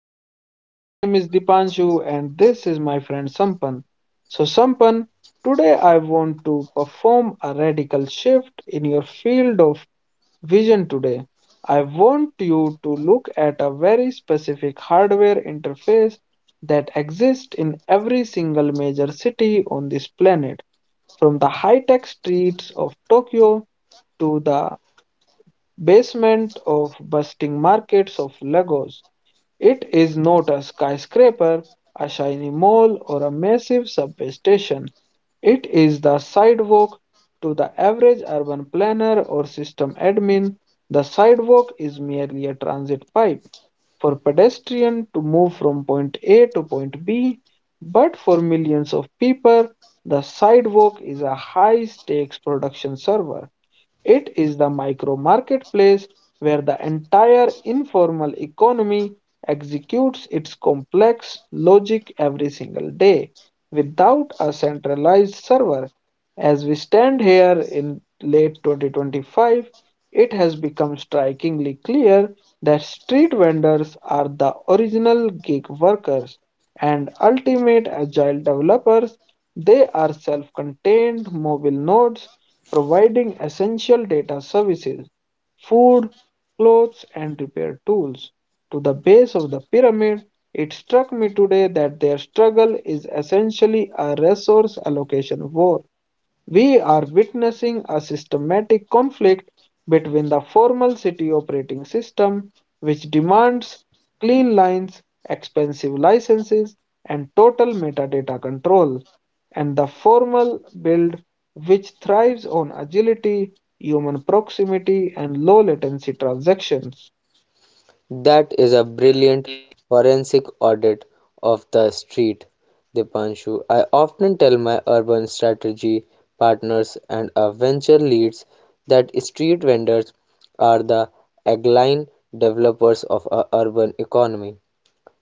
podcast. My name is Dipanshu, and this is my friend Sampan. So, Sampan, today I want to perform a radical shift in your field of vision today. I want you to look at a very specific hardware interface that exists in every single major city on this planet, from the high tech streets of Tokyo to the basement of busting markets of Lagos. It is not a skyscraper, a shiny mall, or a massive subway station. It is the sidewalk to the average urban planner or system admin. The sidewalk is merely a transit pipe for pedestrians to move from point A to point B, but for millions of people, the sidewalk is a high stakes production server. It is the micro marketplace where the entire informal economy executes its complex logic every single day without a centralized server. As we stand here in late 2025, it has become strikingly clear that street vendors are the original gig workers and ultimate agile developers. They are self contained mobile nodes providing essential data services, food, clothes, and repair tools to the base of the pyramid. It struck me today that their struggle is essentially a resource allocation war. We are witnessing a systematic conflict between the formal city operating system, which demands clean lines, expensive licenses, and total metadata control, and the formal build, which thrives on agility, human proximity, and low latency transactions. That is a brilliant forensic audit of the street, Dipanshu. I often tell my urban strategy partners and our venture leads that street vendors are the agile developers of our urban economy.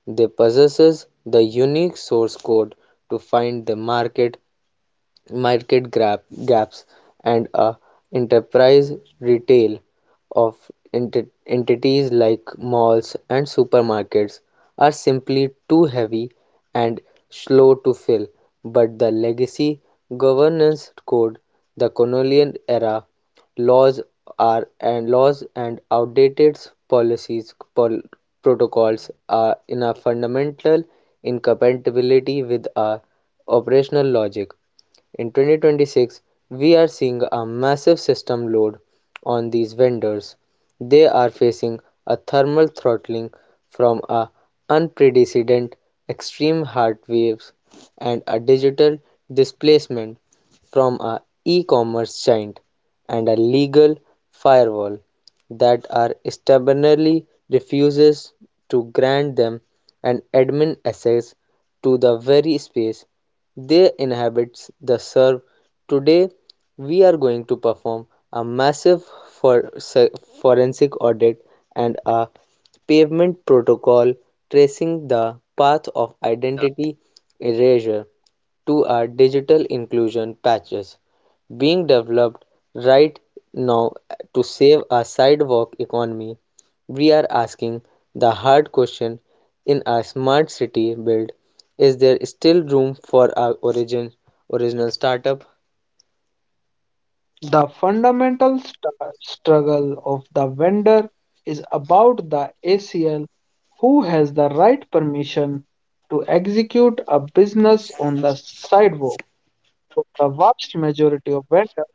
They possess the unique source code to find the market gap, gaps, and a enterprise retail of entities like malls and supermarkets are simply too heavy and slow to fill. But the legacy governance code, the colonial era laws are and laws and outdated policies protocols are in a fundamental incompatibility with our operational logic in 2026. We are seeing a massive system load on these vendors. They are facing a thermal throttling from a unprecedented extreme heat waves and a digital displacement from a e-commerce giant and a legal firewall that are stubbornly refuses to grant them an admin access to the very space they inhabit the serve. Today we are going to perform a massive for forensic audit and a pavement protocol tracing the path of identity erasure to our digital inclusion patches being developed right now to save our sidewalk economy. We are asking the hard question, in a smart city built, is there still room for a origin original startup? The fundamental struggle of the vendor is about the ACL, who has the right permission to execute a business on the sidewalk. For the vast majority of vendors,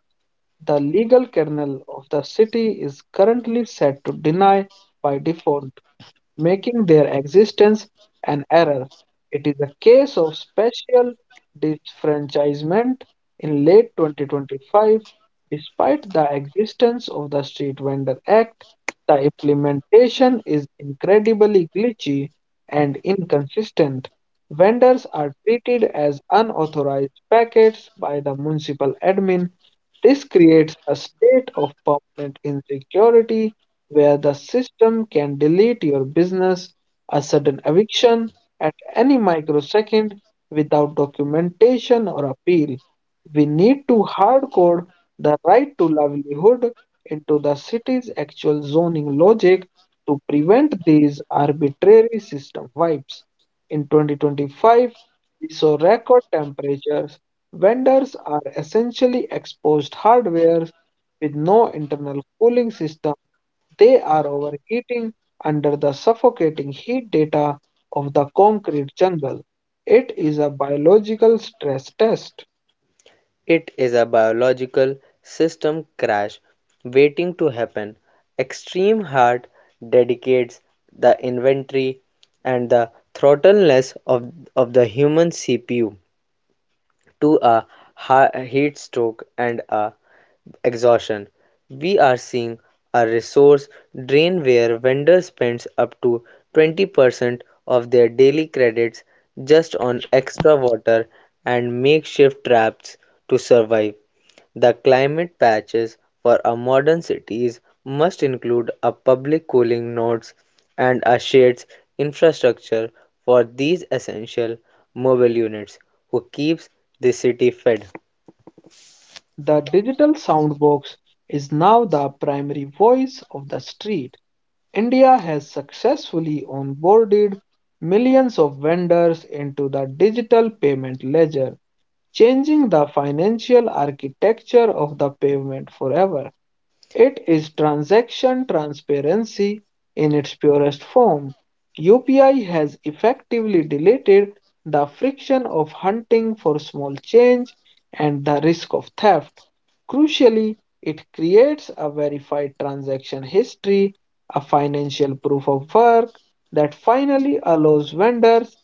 the legal kernel of the city is currently set to deny by default, making their existence an error. It is a case of special disfranchisement in late 2025. Despite the existence of the Street Vendor Act, the implementation is incredibly glitchy and inconsistent. Vendors are treated as unauthorized packets by the municipal admin. This creates a state of permanent insecurity where the system can delete your business, a sudden eviction at any microsecond, without documentation or appeal. We need to hardcode the right to livelihood into the city's actual zoning logic to prevent these arbitrary system wipes. In 2025, we saw record temperatures. Vendors are essentially exposed hardware with no internal cooling system. They are overheating under the suffocating heat data of the concrete jungle. It is a biological stress test. It is a biological system crash waiting to happen. Extreme heart dedicates the inventory and the throttleness of the human CPU to a heat stroke and a exhaustion. We are seeing a resource drain where vendors spends up to 20% of their daily credits just on extra water and makeshift traps to survive. The climate patches for a modern cities must include a public cooling nodes and a shades infrastructure for these essential mobile units who keeps the city fed. The digital sound box is now the primary voice of the street. India has successfully onboarded millions of vendors into the digital payment ledger, changing the financial architecture of the pavement forever. It is transaction transparency in its purest form. UPI has effectively deleted the friction of hunting for small change and the risk of theft. Crucially, it creates a verified transaction history, a financial proof of work that finally allows vendors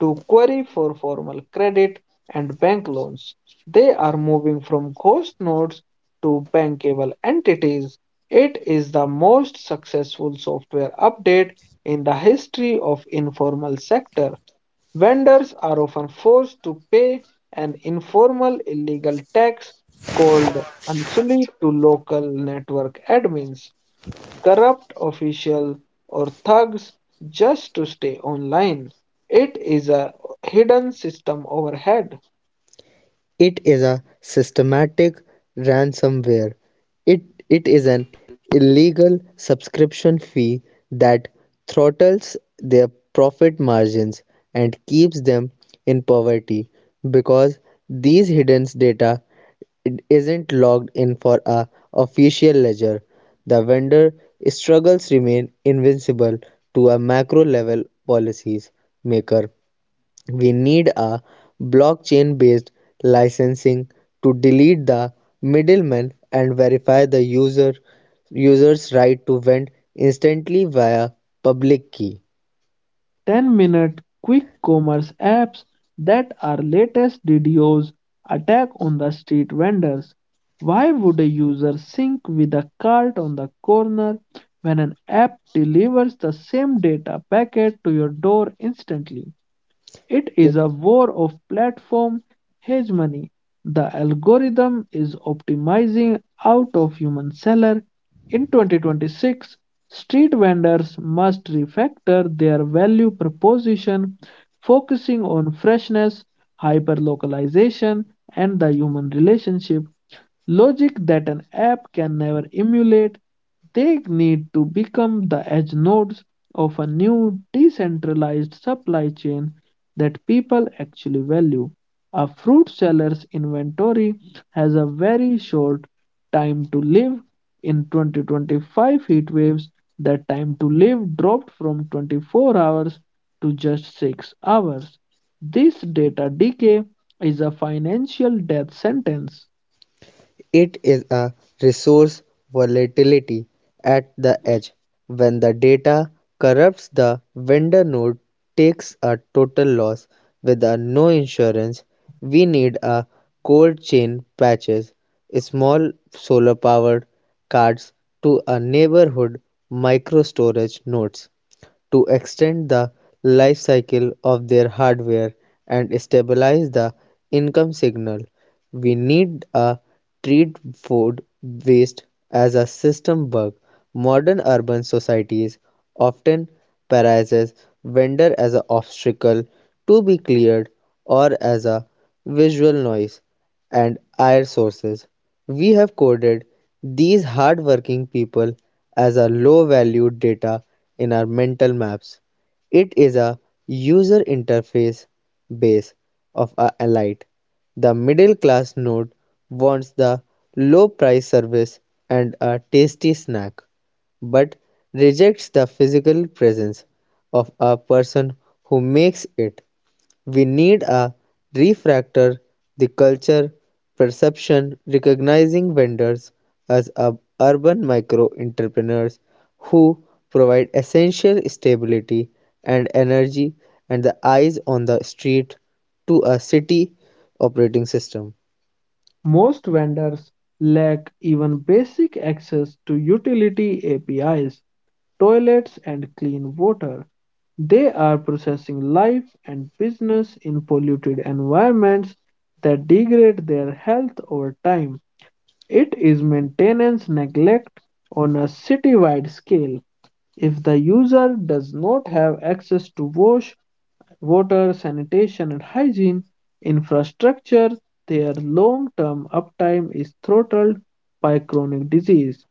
to query for formal credit and bank loans. They are moving from ghost nodes to bankable entities. It is the most successful software update in the history of informal sector. Vendors are often forced to pay an informal illegal tax called unsuli to local network admins, corrupt officials, or thugs just to stay online. It is a hidden system overhead. It is a systematic ransomware. It, it is an illegal subscription fee that throttles their profit margins and keeps them in poverty because these hidden data isn't logged in for a official ledger. The vendor struggles remain invincible to a macro level policies maker. We need a blockchain based licensing to delete the middleman and verify the user's right to vend instantly via public key. 10-minute quick commerce apps that are latest videos attack on the street vendors. Why would a user sync with a cart on the corner when an app delivers the same data packet to your door instantly? It is a war of platform hegemony. The algorithm is optimizing out of human seller. In 2026, street vendors must refactor their value proposition, focusing on freshness, hyperlocalization, and the human relationship logic that an app can never emulate. They need to become the edge nodes of a new decentralized supply chain that people actually value. A fruit seller's inventory has a very short time to live. In 2025 heat waves, that time to live dropped from 24 hours to just 6 hours. This data decay is a financial death sentence. It is a resource volatility at the edge. When the data corrupts, the vendor node takes a total loss. With a no insurance, we need a cold chain patches, small solar powered cards to a neighborhood micro storage nodes to extend the life cycle of their hardware and stabilize the income signal. We need a treat food waste as a system bug. Modern urban societies often paralyzes vendor as an obstacle to be cleared or as a visual noise and air sources. We have coded these hardworking people as a low-value data in our mental maps. It is a user interface base of a elite. The middle class node wants the low price service and a tasty snack, but rejects the physical presence of a person who makes it. We need a refractor, the culture perception recognizing vendors as a- urban micro entrepreneurs who provide essential stability and energy and the eyes on the street to a city operating system. Most vendors lack even basic access to utility APIs, toilets, and clean water. They are processing life and business in polluted environments that degrade their health over time. It is maintenance neglect on a citywide scale. If the user does not have access to wash water, sanitation and hygiene, infrastructure, their long-term uptime is throttled by chronic disease.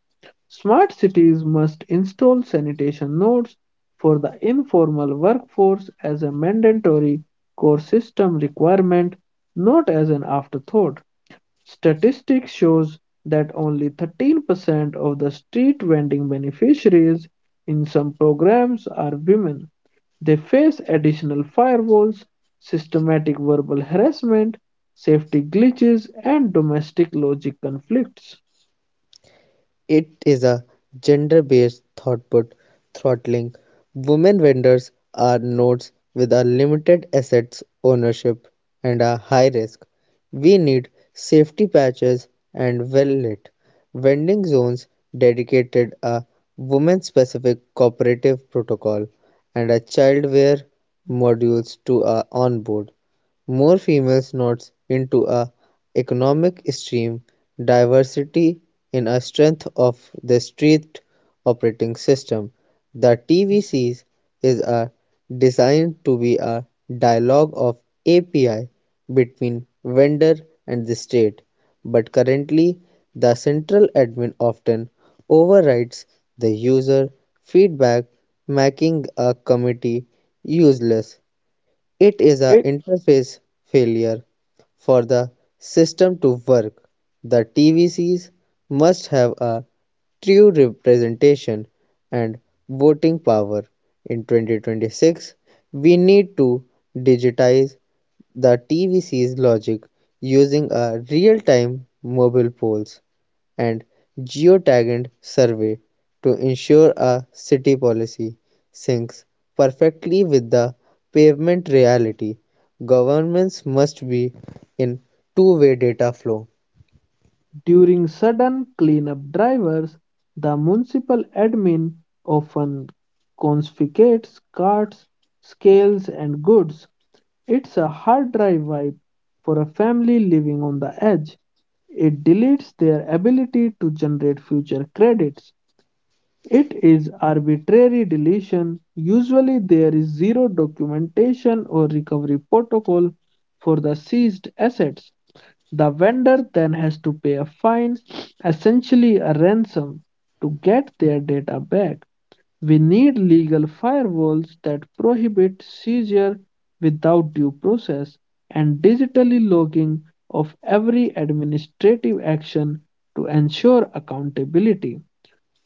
Smart cities must install sanitation nodes for the informal workforce as a mandatory core system requirement, not as an afterthought. Statistics shows that only 13% of the street vending beneficiaries in some programs are women. They face additional firewalls, systematic verbal harassment, safety glitches, and domestic logic conflicts. It is a gender-based throughput throttling. Women vendors are nodes with a limited assets ownership and a high risk. We need safety patches and well-lit vending zones, dedicated a women-specific cooperative protocol and a childware modules to a onboard. More females nodes into a economic stream diversity in a strength of the strict operating system. The TVCs is are designed to be a dialogue of API between vendor and the state, but currently the central admin often overrides the user feedback, making a committee useless. It is a It interface failure for the system to work. The TVCs must have a true representation and voting power. In 2026, we need to digitize the TVC's logic using a real-time mobile polls and geotagged survey to ensure a city policy syncs perfectly with the pavement reality. Governments must be in two-way data flow. during sudden cleanup drivers, the municipal admin often confiscates carts, scales, and goods. It's a hard drive wipe for a family living on the edge. It deletes their ability to generate future credits. It is arbitrary deletion. Usually, there is zero documentation or recovery protocol for the seized assets. The vendor then has to pay a fine, essentially a ransom, to get their data back. We need legal firewalls that prohibit seizure without due process and digitally logging of every administrative action to ensure accountability.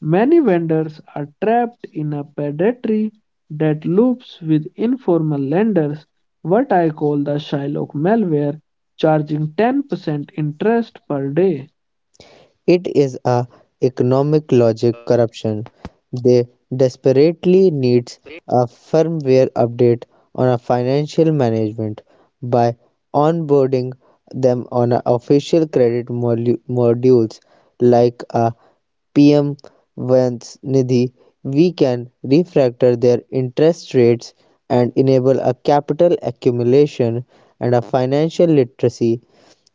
Many vendors are trapped in a predatory that loops with informal lenders, what I call the Shylock malware, charging 10% interest per day. It is a economic logic corruption. They desperately needs a firmware update on a financial management by onboarding them on a official credit modules like a PM Nidhi. We can refactor their interest rates and enable a capital accumulation, and a financial literacy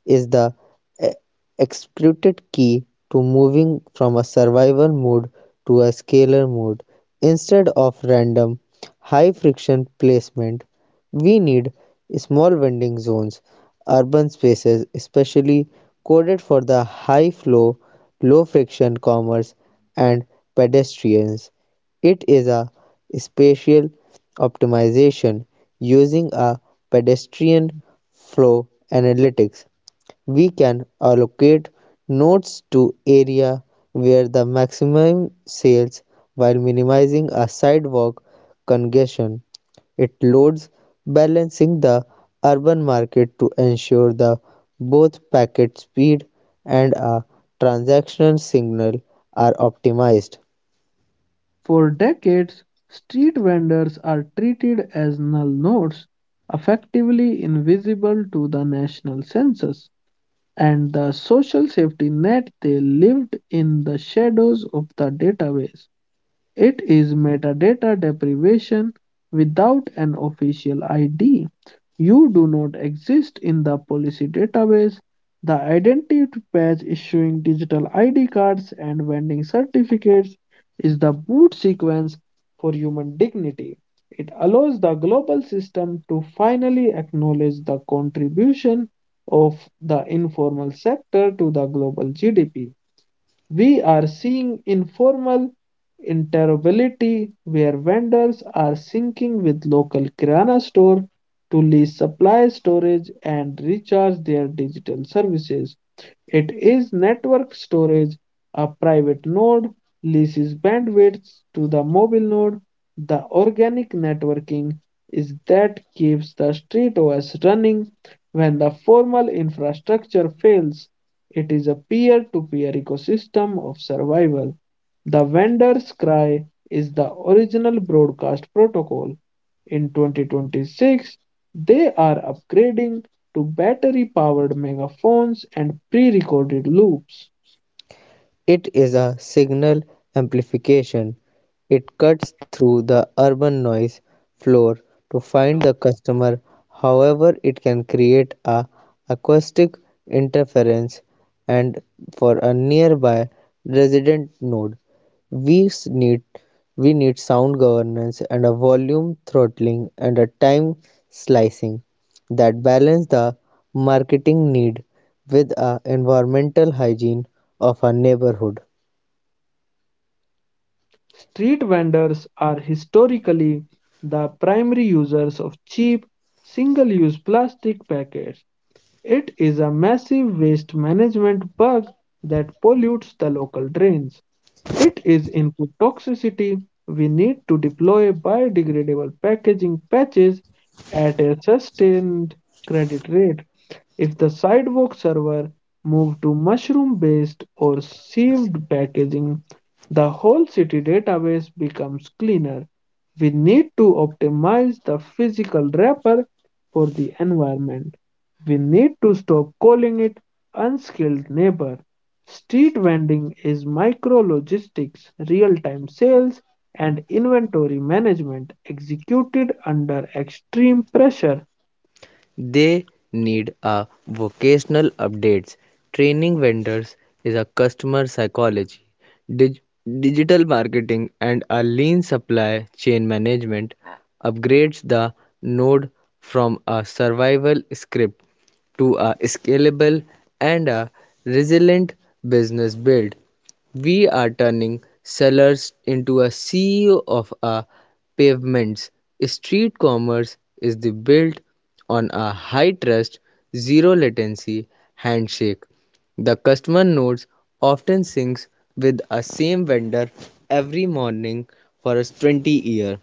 is the e- explicit key to moving from a survival mode to a scalar mode. Instead of random high friction placement, we need small vending zones, urban spaces especially coded for the high flow, low friction commerce and pedestrians. It is a spatial optimization. Using a pedestrian flow analytics, we can allocate nodes to area where the maximum sales while minimizing a sidewalk congestion. It loads balancing the urban market to ensure the both packet speed and a transaction signal are optimized. For decades, street vendors are treated as null nodes, effectively invisible to the national census and the social safety net. They lived in the shadows of the database. It is metadata deprivation without an official ID. You do not exist in the policy database. The identity patch issuing digital ID cards and vending certificates is the boot sequence for human dignity. It allows the global system to finally acknowledge the contribution of the informal sector to the global GDP. We are seeing informal interoperability where vendors are syncing with local kirana store to lease supply storage and recharge their digital services. It is network storage. A private node leases bandwidth to the mobile node. The organic networking is that keeps the street running when the formal infrastructure fails. It is a peer-to-peer ecosystem of survival. The vendor's cry is the original broadcast protocol. In 2026, they are upgrading to battery powered megaphones and pre recorded loops. It is a signal amplification. It cuts through the urban noise floor to find the customer, however it can create a acoustic interference and for a nearby resident node. We s- need we need sound governance and a volume throttling and a time slicing that balance the marketing need with a environmental hygiene of a neighborhood. Street vendors are historically the primary users of cheap, single use plastic packets. It is a massive waste management bug that pollutes the local drains. It is input toxicity. We need to deploy biodegradable packaging patches at a sustained credit rate. If the sidewalk server moved to mushroom-based or sieved packaging, the whole city database becomes cleaner. We need to optimize the physical wrapper for the environment. We need to stop calling it unskilled neighbor. Street vending is micro logistics, real time sales, and inventory management executed under extreme pressure. They need a vocational updates. Training vendors is a customer psychology, dig- digital marketing, and a lean supply chain management upgrades the node from a survival script to a scalable and a resilient business build. We are turning cellars into a sea of a pavements. Street commerce is the built on a high trust, zero latency handshake. The customer notes often syncs with a same vendor every morning for a 20 year.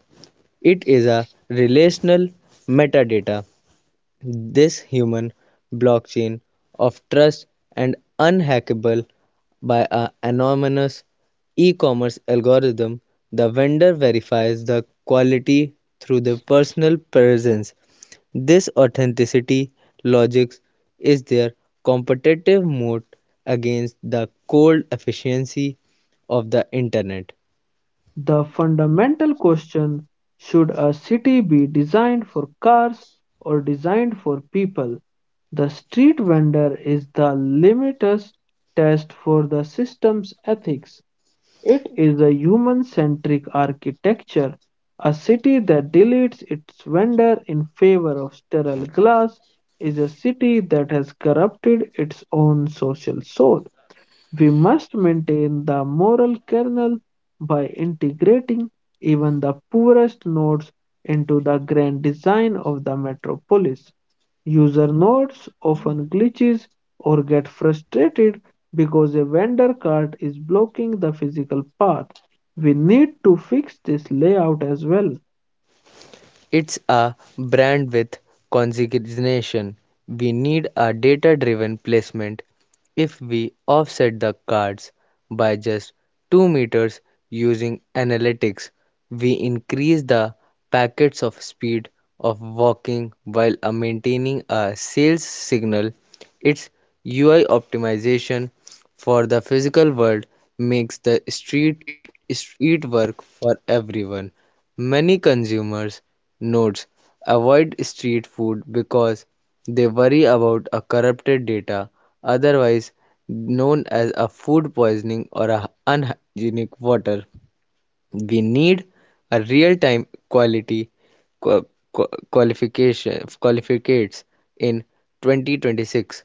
It is a relational metadata, this human blockchain of trust and unhackable by an anonymous e-commerce algorithm. The vendor verifies the quality through the personal presence. This authenticity logic is their competitive moat against the cold efficiency of the internet. The fundamental question, should a city be designed for cars or designed for people? The street vendor is the limitless test for the system's ethics. It is a human centric architecture. A city that deletes its vendor in favor of sterile glass is a city that has corrupted its own social soul. We must maintain the moral kernel by integrating even the poorest nodes into the grand design of the metropolis. User nodes often glitches or get frustrated because a vendor cart is blocking the physical path. We need to fix this layout as well. It's a brand with consignation. We need a data driven placement. If we offset the cards by just 2 meters using analytics, we increase the packets of speed of walking while maintaining a sales signal. Its UI optimization for the physical world makes the street work for everyone. Many consumers notes avoid street food because they worry about a corrupted data, otherwise known as a food poisoning or a unhygienic water. We need a real-time quality qua- qua- qualification qualificates in 2026.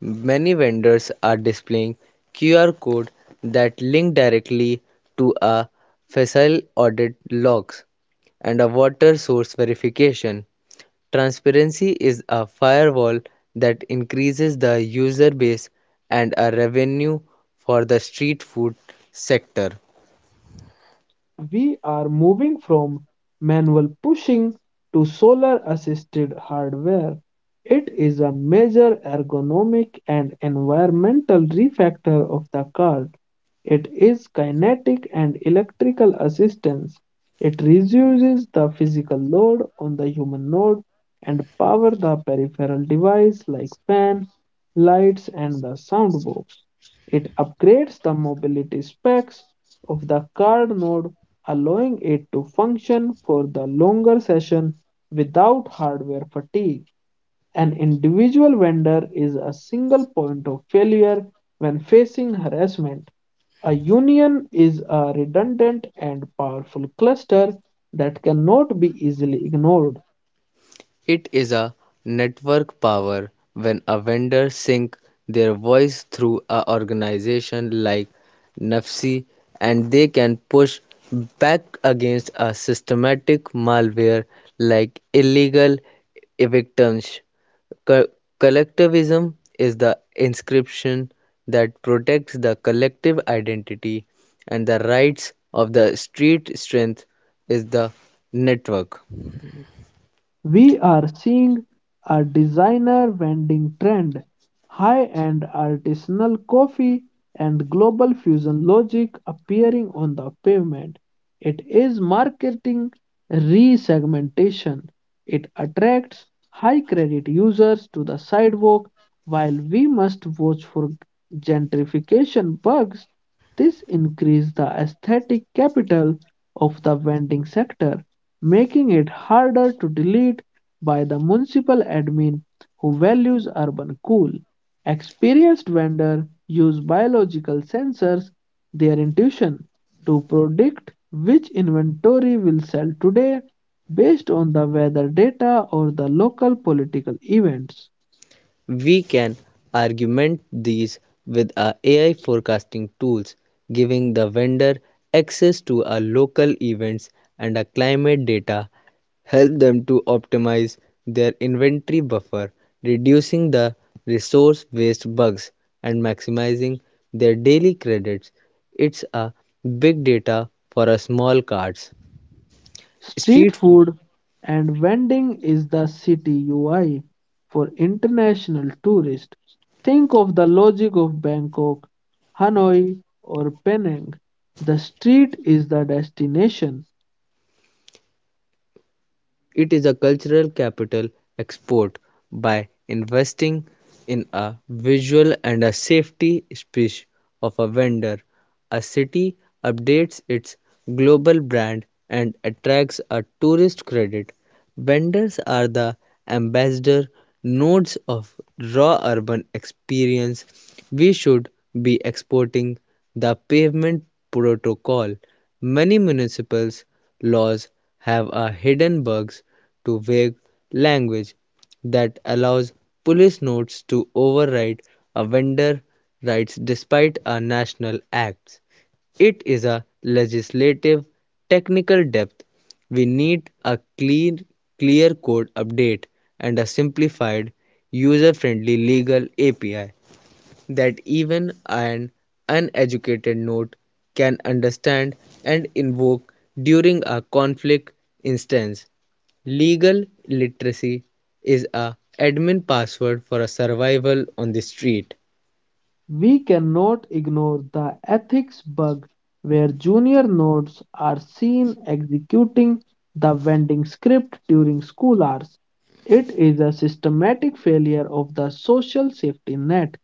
Many vendors are displaying qr code that link directly to a facile audit logs and a water source verification. Transparency is a firewall that increases the user base and a revenue for the street food sector. We are moving from manual pushing to solar assisted hardware. It is a major ergonomic and environmental refactor of the car. It is kinetic and electrical assistance. It reduces the physical load on the human node and power the peripheral device like fan, lights, and the sound box. It upgrades the mobility specs of the card node, allowing it to function for the longer session without hardware fatigue. An individual vendor is a single point of failure when facing harassment. A union is a redundant and powerful cluster that cannot be easily ignored. It is a network power. When a vendor sync their voice through a organization like Nafsi, and they can push back against a systematic malware like illegal evictions. Co- Collectivism is the inscription that protects the collective identity and the rights of the street. Strength is the network. We are seeing a designer vending trend, high-end artisanal coffee, and global fusion logic appearing on the pavement. It is marketing resegmentation. It attracts high credit users to the sidewalk while we must watch for gentrification bugs. This increases the aesthetic capital of the vending sector, making it harder to delete by the municipal admin who values urban cool. Experienced vendors use biological sensors, their intuition, to predict which inventory will sell today based on the weather data or the local political events. We can augment these with our AI forecasting tools, giving the vendor access to our local events and our climate data, help them to optimize their inventory buffer, reducing the resource waste bugs and maximizing their daily credits. It's a big data for a small cards. Street Street food. food and vending is the city UI for international tourists. Think of the logic of Bangkok, Hanoi, or Penang. The street is the destination. It is a cultural capital export. By investing in a visual and a safety speech of a vendor, a city updates its global brand and attracts a tourist credit. Vendors are the ambassador nodes of raw urban experience. We should be exporting the pavement protocol. Many municipals laws have a hidden bugs to vague language that allows police notes to override a vendor rights despite a national acts. It is a legislative technical depth. We need a clean, clear code update and a simplified, user friendly legal API that even an uneducated note can understand and invoke during a conflict instance. Legal literacy is a admin password for a survival on the street. We cannot ignore the ethics bug where junior nodes are seen executing the vending script during school hours. It is a systematic failure of the social safety net.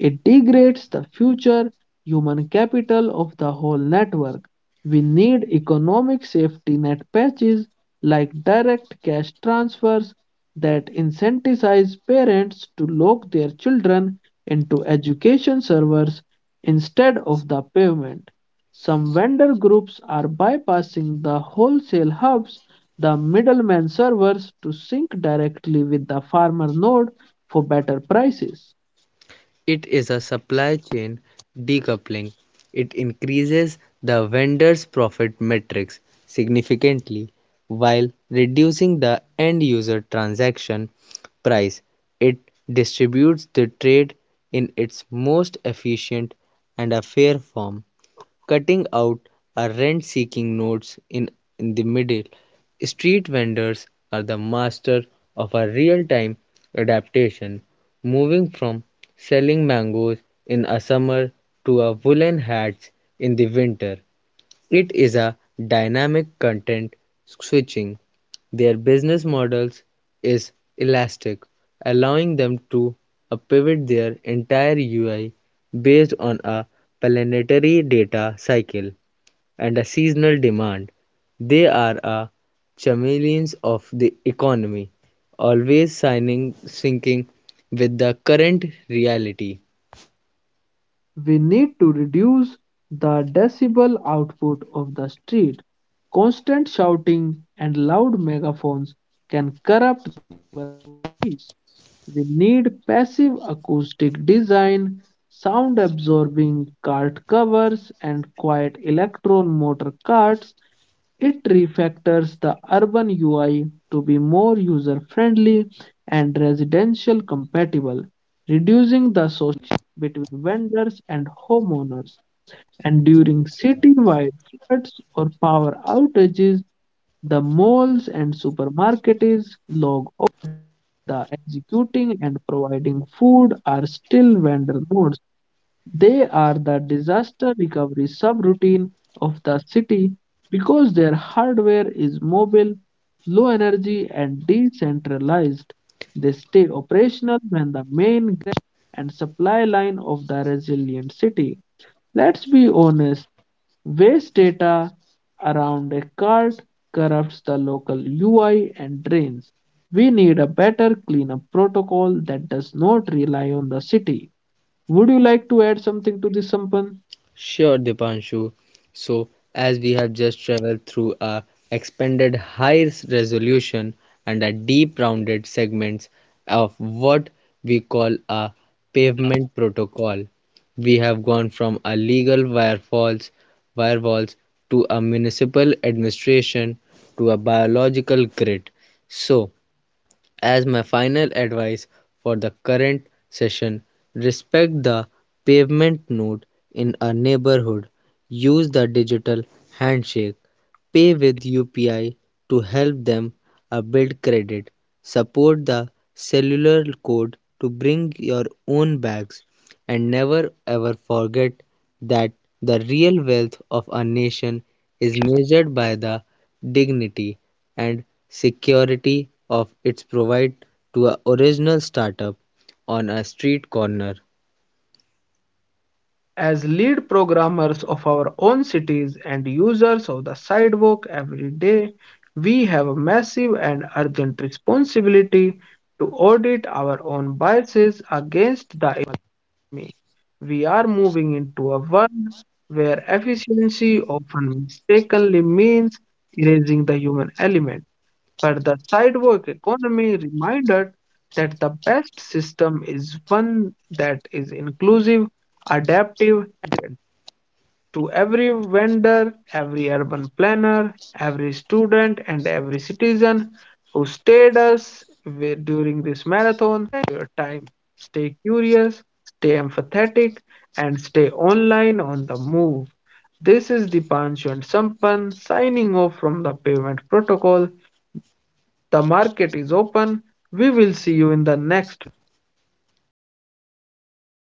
It degrades the future human capital of the whole network. We need economic safety net patches like direct cash transfers that incentivize parents to lock their children into education servers instead of the pavement. Some vendor groups are bypassing the wholesale hubs, the middleman servers, to sync directly with the farmer node for better prices. It is a supply chain decoupling. It increases the vendor's profit metrics significantly while reducing the end user transaction price. It distributes the trade in its most efficient and a fair form, cutting out are rent seeking nodes in the middle. Street vendors are the master of a real time adaptation, moving from selling mangoes in a summer to a woolen hats in the winter. It is a dynamic content switching. Their business models is elastic, allowing them to pivot their entire UI based on a planetary data cycle and a seasonal demand. They are a chameleons of the economy, always signing syncing with the current reality. We need to reduce the decibel output of the street. Constant shouting and loud megaphones can corrupt voice. We need passive acoustic design, sound absorbing cart covers, and quiet electron motor carts. It refactors the urban UI to be more user friendly and residential compatible, reducing the social between vendors and homeowners. And during citywide floods or power outages, the malls and supermarkets log the executing and providing food are still vendor modes. They are the disaster recovery subroutine of the city because their hardware is mobile, low energy, and decentralized. They stay operational when the main and supply line of the resilient city. Let's be honest, waste data around a cart corrupts the local UI and drains. We need a better cleanup protocol that does not rely on the city. Would you like to add something to this, Sampan? Sure, Dipanshu. So, as we have just traveled through a expanded high resolution and a deep rounded segments of what we call a pavement protocol, we have gone from a legal firewalls to a municipal administration to a biological grid. So, as my final advice for the current session, respect the pavement node in a neighborhood. Use the digital handshake. Pay with UPI to help them build credit. Support the cellular code to bring your own bags. And never ever forget that the real wealth of a nation is measured by the dignity and security of its provide to a original startup on a street corner. As lead programmers of our own cities and users of the sidewalk every day, we have a massive and urgent responsibility to audit our own biases against the like me. We are moving into a world where efficiency often mistakenly means erasing the human element. But the sidewalk economy reminded that the best system is one that is inclusive, adaptive to every vendor, every urban planner, every student, and every citizen who stayed us during this marathon. Your time. Stay curious, stay empathetic, and stay online on the move. This is Dipanshu and Sampan signing off from the payment protocol. The market is open. We will see you in the next